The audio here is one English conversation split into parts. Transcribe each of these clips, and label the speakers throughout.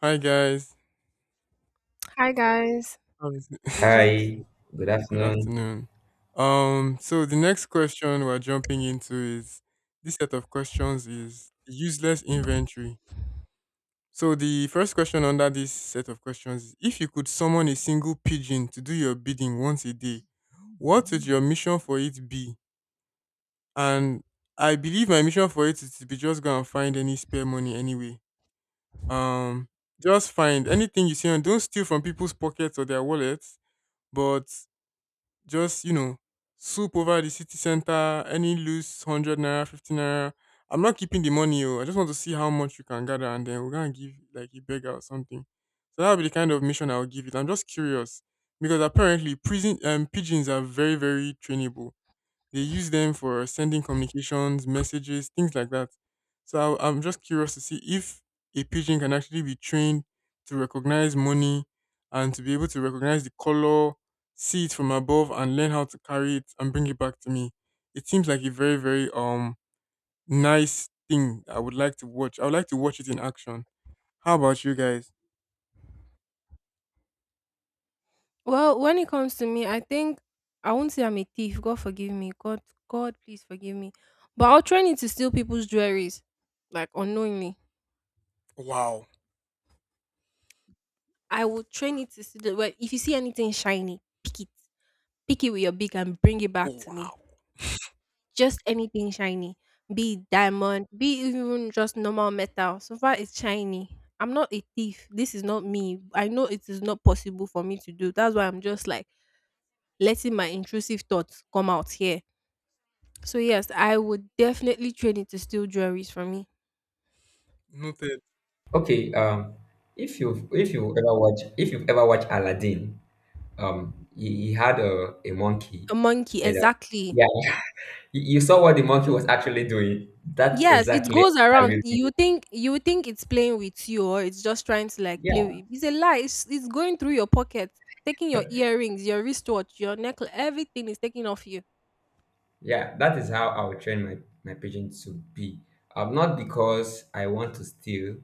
Speaker 1: Hi guys.
Speaker 2: Hi guys,
Speaker 1: How is it?
Speaker 2: Jinx.
Speaker 3: Hi, good
Speaker 1: Good
Speaker 3: afternoon.
Speaker 1: afternoon. So the next question we're jumping into is this set of questions is the useless inventory. So the first question under this set of questions is if you could summon a single pigeon to do your bidding once a day, what would your mission for it be? And I believe my mission for it is to be just go and find any spare money anyway. Um, just find anything you see and don't steal from people's pockets or their wallets. But just soup over the city center, any loose 100 naira, 50 naira. I'm not keeping the money oh. I just want to see how much you can gather and then we're gonna give like a beggar or something. So that'll be the kind of mission I'll give it. I'm just curious because apparently prison pigeons are very trainable. They use them for sending communications, messages, things like that. So I'm just curious to see if a pigeon can actually be trained to recognize money and to be able to recognize the color, see it from above, and learn how to carry it and bring it back to me. It seems like a very, very nice thing I would like to watch. I would like to watch it in action. How about you guys?
Speaker 2: Well, when it comes to me, I think I won't say I'm a thief. God forgive me. God, God, please forgive me. But I'll train it to steal people's jewelries, like unknowingly.
Speaker 1: Wow.
Speaker 2: I will train it to steal. Well, if you see anything shiny, pick it with your beak and bring it back
Speaker 1: Oh
Speaker 2: to me.
Speaker 1: wow.
Speaker 2: Just anything shiny, be it diamond, be it even just normal metal. So far, it's shiny. I'm not a thief. This is not me. I know it is not possible for me to do. That's why I'm just like letting my intrusive thoughts come out here. So yes, I would definitely train it to steal jewelries from me.
Speaker 1: Noted.
Speaker 3: Okay, if you've if you ever watch if you've ever watched Aladdin, he had a monkey,
Speaker 2: A monkey,
Speaker 3: and
Speaker 2: exactly.
Speaker 3: yeah, you saw what the monkey was actually doing. That
Speaker 2: Yes, it
Speaker 3: exactly
Speaker 2: goes
Speaker 3: I
Speaker 2: around.
Speaker 3: will do.
Speaker 2: You think it's playing with you or it's just trying to like play
Speaker 3: Yeah.
Speaker 2: with it's a lie. It's going through your pocket, taking your earrings, your wristwatch, your necklace, everything is taking off you.
Speaker 3: Yeah, that is how I will train my pigeon to be. Not because I want to steal,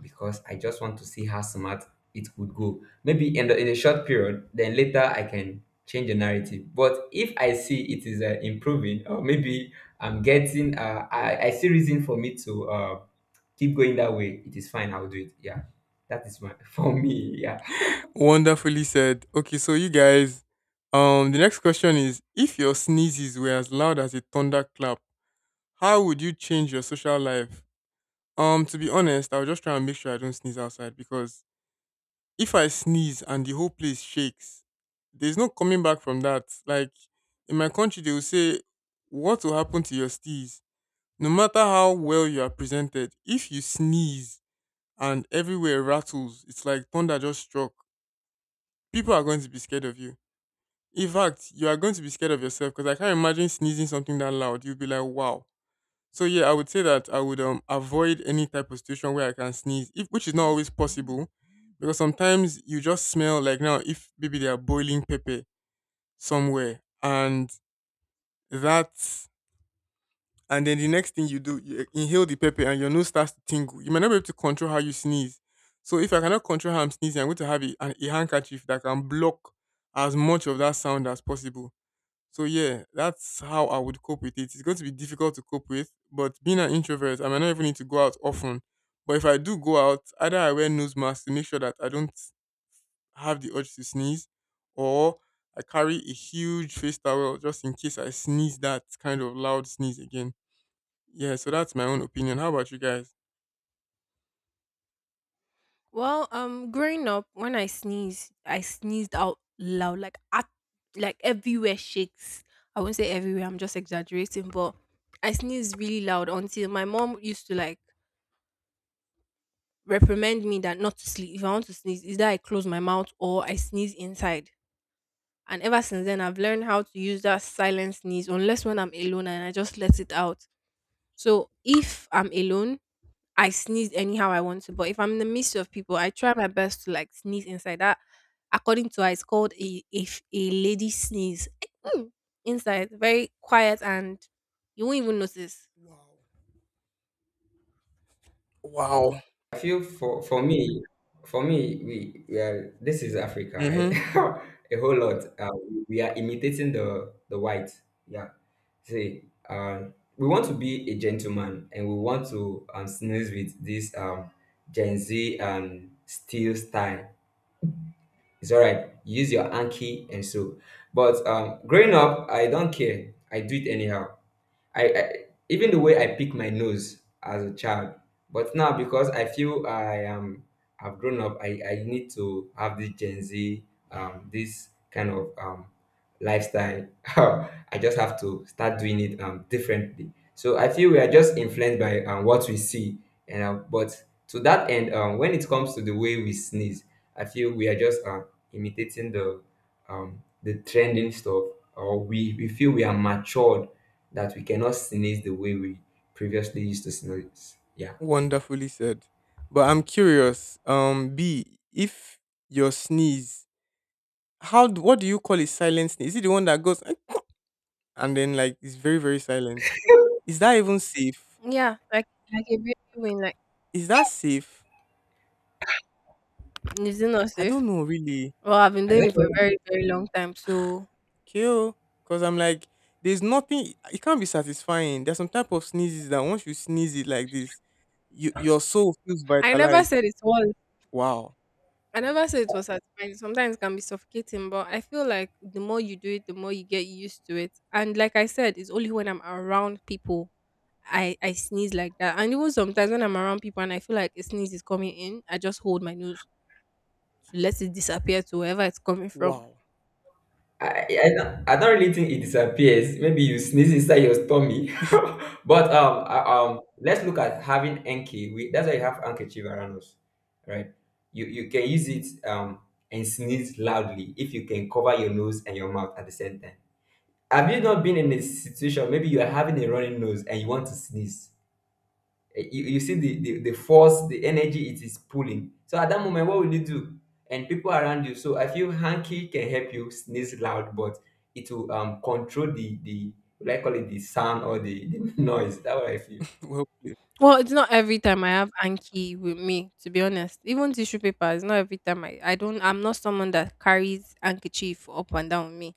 Speaker 3: because I just want to see how smart it would go. Maybe in a short period, then later I can change the narrative. But if I see it is improving, or maybe I'm getting, I see reason for me to keep going that way, it is fine, I'll do it. Yeah, that is my, for me, yeah.
Speaker 1: Wonderfully said. Okay, so you guys, the next question is: if your sneezes were as loud as a thunderclap, how would you change your social life? To be honest, I'll just try and make sure I don't sneeze outside because if I sneeze and the whole place shakes, there's no coming back from that. Like in my country, they will say, "What will happen to your steez?" No matter how well you are presented, if you sneeze and everywhere rattles, it's like thunder just struck. People are going to be scared of you. In fact, you are going to be scared of yourself because I can't imagine sneezing something that loud. You'll be like, wow. So yeah, I would say that I would avoid any type of situation where I can sneeze, if which is not always possible, because sometimes you just smell like now if maybe they are boiling pepper somewhere, and that, and then the next thing you do, you eh, inhale the pepper and your nose starts to tingle. You might not be able to control how you sneeze. So if I cannot control how I'm sneezing, I'm going to have a handkerchief that can block as much of that sound as possible. So yeah, that's how I would cope with it. It's going to be difficult to cope with, but being an introvert, I might not even need to go out often. But if I do go out, either I wear nose mask to make sure that I don't have the urge to sneeze, or I carry a huge face towel just in case I sneeze that kind of loud sneeze again. Yeah, so that's my own opinion. How about you guys?
Speaker 2: Well, growing up, when I sneeze, I sneezed out loud, like at, like everywhere shakes. I won't say everywhere. I'm just exaggerating, but I sneezed really loud until my mom used to like reprimand me that not to sleep. If I want to sneeze, either I close my mouth or I sneeze inside. And ever since then, I've learned how to use that silent sneeze, unless when I'm alone and I just let it out. So if I'm alone, I sneeze anyhow I want to, but if I'm in the midst of people, I try my best to like sneeze inside. That, according to her, it's called a if a lady sneeze. Mm. Inside, very quiet, and you won't even notice.
Speaker 1: Wow. Wow.
Speaker 3: I feel for me, we are this is Africa, right?
Speaker 1: Mm-hmm.
Speaker 3: A whole lot. We are imitating the white. Yeah. See, we want to be a gentleman, and we want to sneeze with this Gen Z and steel style. It's all right. Use your anki and so. But growing up, I don't care. I do it anyhow. I even the way I pick my nose as a child, but now because I feel I've grown up, I need to have this Gen Z this kind of lifestyle. I just have to start doing it differently. So I feel we are just influenced by what we see, and but to that end, when it comes to the way we sneeze, I feel we are just imitating the trending stuff, or we feel we are matured that we cannot sneeze the way we previously used to sneeze. Yeah.
Speaker 1: Wonderfully said. But I'm curious, B, if your sneeze. How d what do you call a silent snake? Is it the one that goes "Eh" and then like it's very, very silent? Is that even safe?
Speaker 2: Yeah, like a baby when like,
Speaker 1: Is that safe?
Speaker 2: is it not
Speaker 1: I
Speaker 2: safe?
Speaker 1: don't know really.
Speaker 2: Well, I've been
Speaker 3: I
Speaker 2: doing it
Speaker 3: don't
Speaker 2: for a
Speaker 3: know.
Speaker 2: very very long time, so
Speaker 1: Okay oh, because I'm like, there's nothing, it can't be satisfying. There's some type of sneezes that once you sneeze it like this, you your soul feels
Speaker 2: I never
Speaker 1: vitalized.
Speaker 2: said it's what
Speaker 1: Wow.
Speaker 2: I never said it was satisfying. Sometimes it can be suffocating, but I feel like the more you do it, the more you get used to it. And like I said, it's only when I'm around people I sneeze like that. And even sometimes when I'm around people and I feel like a sneeze is coming in, I just hold my nose to let it disappear to wherever it's coming from.
Speaker 1: Wow.
Speaker 3: I, I, I don't really think it disappears. Maybe you sneeze inside your tummy, but let's look at having Enki. We, that's why you have handkerchief around us, right? You can use it and sneeze loudly if you can cover your nose and your mouth at the same time. Have you not been in a situation, maybe you are having a running nose and you want to sneeze? You see the force the energy it is pulling, so at that moment, what will you do and people around you? So I feel hanky can help you sneeze loud, but it will control the what I call it, the sound or the noise, that what I feel.
Speaker 1: Well played.
Speaker 2: Well, it's not every time I have Anki with me, to be honest. Even tissue paper, it's not every time I'm not someone that carries handkerchief up and down with me.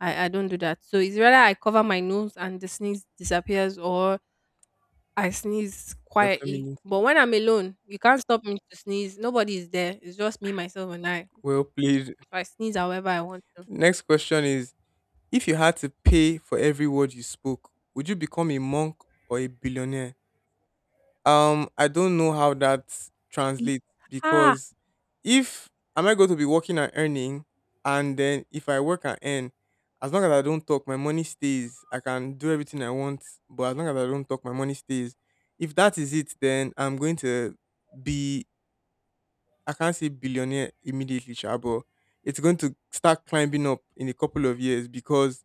Speaker 2: I don't do that. So it's rather I cover my nose and the sneeze disappears or I sneeze
Speaker 1: You're
Speaker 2: quietly.
Speaker 1: feminine.
Speaker 2: But when I'm alone, you can't stop me to sneeze. Nobody is there. It's just me, myself, and I.
Speaker 1: Well played.
Speaker 2: So I sneeze however I want to.
Speaker 1: Next question is if you had to pay for every word you spoke, would you become a monk or a billionaire? I don't know how that
Speaker 2: Ye-
Speaker 1: translates
Speaker 2: Ah,
Speaker 1: because if am I going to be working and earning, and then if I work and earn, as long as I don't talk, my money stays. I can do everything I want, but as long as I don't talk, my money stays. If that is it, then I'm going to be I can't say billionaire immediately, sha, but it's going to start climbing up in a couple of years because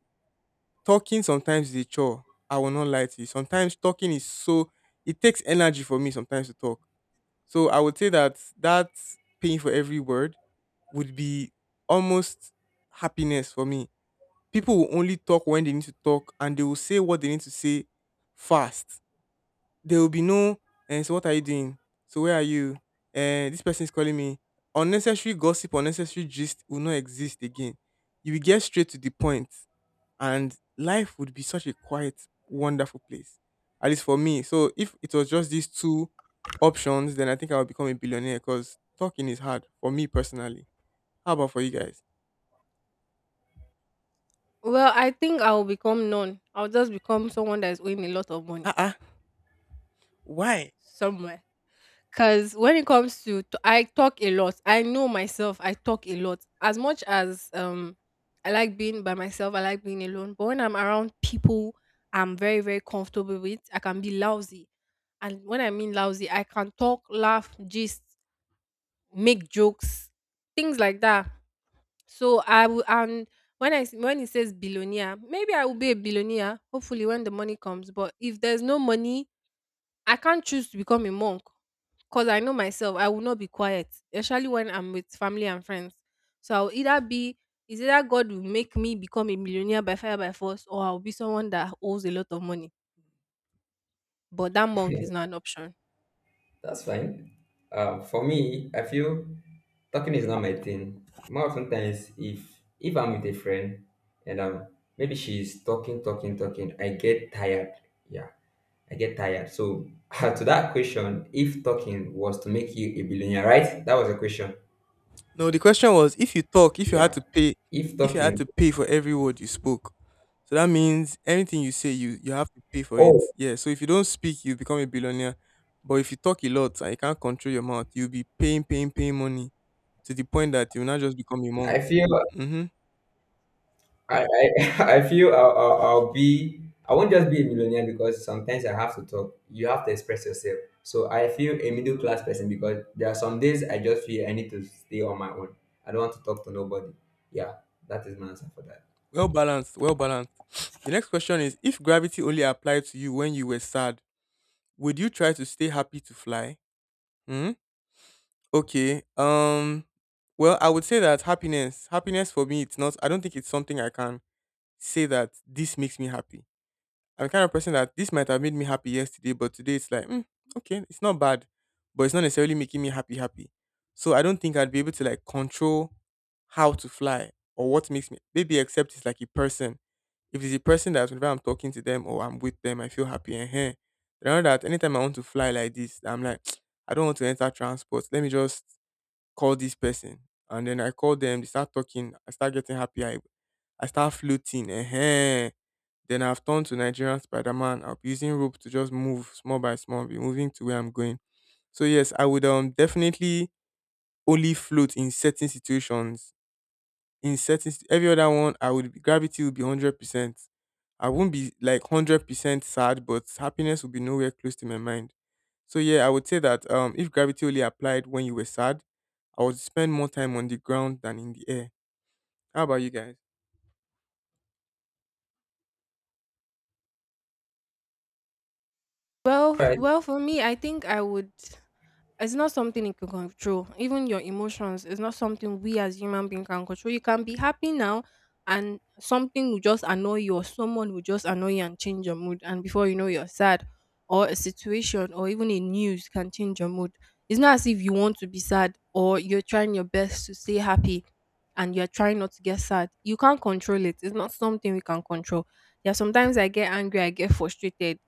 Speaker 1: talking sometimes is a chore. I will not lie to you. Sometimes talking is so it takes energy for me sometimes to talk. So I would say that that paying for every word would be almost happiness for me. People will only talk when they need to talk and they will say what they need to say fast. There will be no, and so what are you doing? So where are you? And this person is calling me. Unnecessary gossip, unnecessary gist will not exist again. You will get straight to the point and life would be such a quiet, wonderful place. At least for me. So if it was just these two options, then I think I would become a billionaire because talking is hard for me personally. How about for you guys?
Speaker 2: well, I think I will become none. I'll just become someone that is owing a lot of money
Speaker 1: Uh. Why?
Speaker 2: somewhere. Because when it comes to, I talk a lot. I know myself. I talk a lot. As much as I like being by myself, I like being alone. But when I'm around people, I'm very very comfortable with. I can be lousy, and when I mean lousy, I can talk, laugh, just make jokes, things like that. So I will. And when when it says billionaire, maybe I will be a billionaire. Hopefully, when the money comes. But if there's no money, I can't choose to become a monk because I know myself, I will not be quiet, especially when I'm with family and friends. So I'll either be, is either God will make me become a millionaire by fire by force, or I'll be someone that owes a lot of money. But that
Speaker 3: Yeah,
Speaker 2: monk is not an option.
Speaker 3: that's fine. For me, I feel talking is not my thing, more often times if I'm with a friend and maybe she's talking, I get tired. Yeah, I get tired. So to that question, if talking was to make you a billionaire, right? That was a question.
Speaker 1: No, the question was if you talk, if you had
Speaker 3: Yeah.
Speaker 1: to pay,
Speaker 3: If
Speaker 1: if you had
Speaker 3: talking,
Speaker 1: to pay for every word you spoke. So that means anything you say, you have to pay for it.
Speaker 3: oh,
Speaker 1: Yeah. So if you don't speak, you become a billionaire. But if you talk a lot and you can't control your mouth, you'll be paying, paying, paying money to the point that you'll not just become a monk.
Speaker 3: I feel
Speaker 1: Mm-hmm.
Speaker 3: I feel I'll be. I won't just be a millionaire because sometimes I have to talk. You have to express yourself. So I feel a middle class person, because there are some days I just feel I need to stay on my own. I don't want to talk to nobody. Yeah, that is my answer for that.
Speaker 1: Well balanced. Well balanced. The next question is: if gravity only applied to you when you were sad, would you try to stay happy to fly? Hmm? Okay. Well, I would say that happiness, happiness for me it's not I don't think it's something I can say that this makes me happy. I'm the kind of person that this might have made me happy yesterday, but today it's like, mm, okay, it's not bad, but it's not necessarily making me happy happy. So I don't think I'd be able to like control how to fly or what makes me maybe except it's like a person. If it's a person that whenever I'm talking to them or I'm with them, I feel happy and here. But I know that anytime I want to fly like this, I'm like, I don't want to enter transport. Let me just call this person. And then I call them, they start talking, I start getting happy. I start floating. Ehen. Then I've turned to Nigerian Spider Man. I'll be using rope to just move small by small, be moving to where I'm going. So yes, I would definitely only float in certain situations in certain st- every other one I would be, gravity would be 100%. I won't be like 100% sad, but happiness will be nowhere close to my mind. So yeah, I would say that if gravity only applied when you were sad, I would spend more time on the ground than in the air. How about you guys?
Speaker 3: All right.
Speaker 2: Well, for me, I think I would. It's not something you can control. Even your emotions is not something we as human beings can control. You can be happy now, and something will just annoy you, or someone will just annoy you and change your mood. And before you know, you're sad, or a situation, or even a news can change your mood. It's not as if you want to be sad, or you're trying your best to stay happy, and you're trying not to get sad. You can't control it. It's not something we can control. Yeah, sometimes I get angry, I get frustrated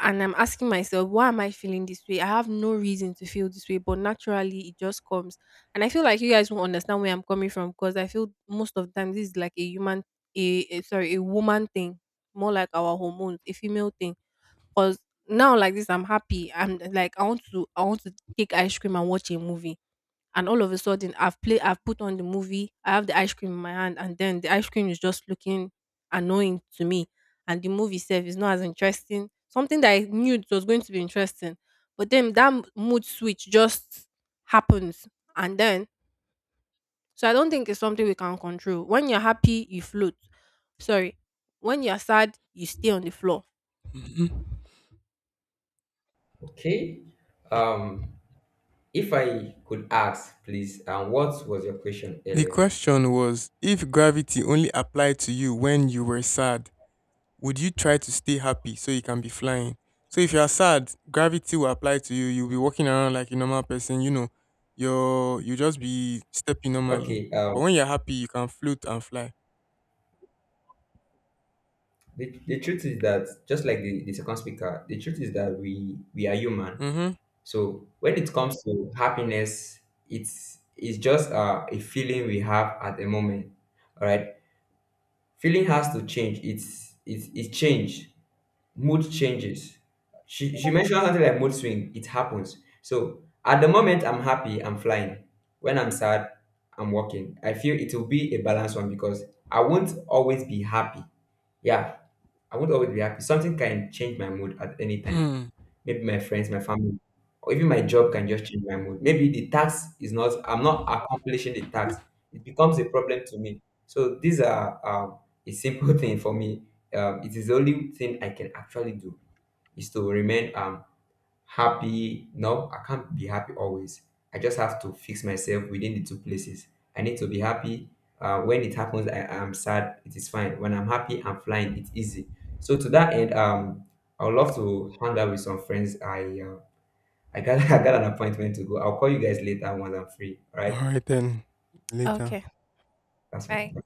Speaker 2: and I'm asking myself, why am I feeling this way? I have no reason to feel this way, but naturally it just comes. And I feel like you guys won't understand where I'm coming from because I feel most of the time this is like a human, sorry, a woman thing, more like our hormones, a female thing. Because now like this, I'm happy. I'm like I want to take ice cream and watch a movie and all of a sudden I've put on the movie, I have the ice cream in my hand, and then the ice cream is just looking annoying to me, and the movie itself is not as interesting. Something that I knew it was going to be interesting, but then that mood switch just happens, and then so I don't think it's something we can control. When you're happy, you float. Sorry, when you're sad, you stay on the floor.
Speaker 1: Mhm.
Speaker 3: Okay. Um. If I could ask, please, what was your question
Speaker 1: The
Speaker 3: earlier?
Speaker 1: question was if gravity only applied to you when you were sad, would you try to stay happy so you can be flying? So if you are sad, gravity will apply to you. You'll be walking around like a normal person. You know, you're you just be stepping normally.
Speaker 3: Okay,
Speaker 1: But when you're happy, you can float and fly.
Speaker 3: the truth is that just like the second speaker, the truth is that we are human.
Speaker 1: Mm-hmm.
Speaker 3: So when it comes to happiness, it's just a feeling we have at the moment. All right, feeling has to change. It's changed. Mood changes. She mentioned something like mood swing. It happens. So at the moment I'm happy, I'm flying. When I'm sad, I'm walking. I feel it will be a balanced one because I won't always be happy. Yeah, I won't always be happy. Something can change my mood at any time.
Speaker 1: Hmm.
Speaker 3: Maybe my friends, my family, or even my job can just change my mood. Maybe the task is not, I'm not accomplishing the task. It becomes a problem to me. So these are a simple thing for me. It is the only thing I can actually do is to remain happy. No, I can't be happy always. I just have to fix myself within the two places. I need to be happy. When it happens, I am sad. It is fine. When I'm happy, I'm flying. It's easy. So to that end, I would love to hang out with some friends. I got I got an appointment to go. I'll call you guys later once I'm free. All
Speaker 1: All
Speaker 3: right,
Speaker 1: right then. Later.
Speaker 2: Okay,
Speaker 3: that's
Speaker 2: bye.
Speaker 3: fine.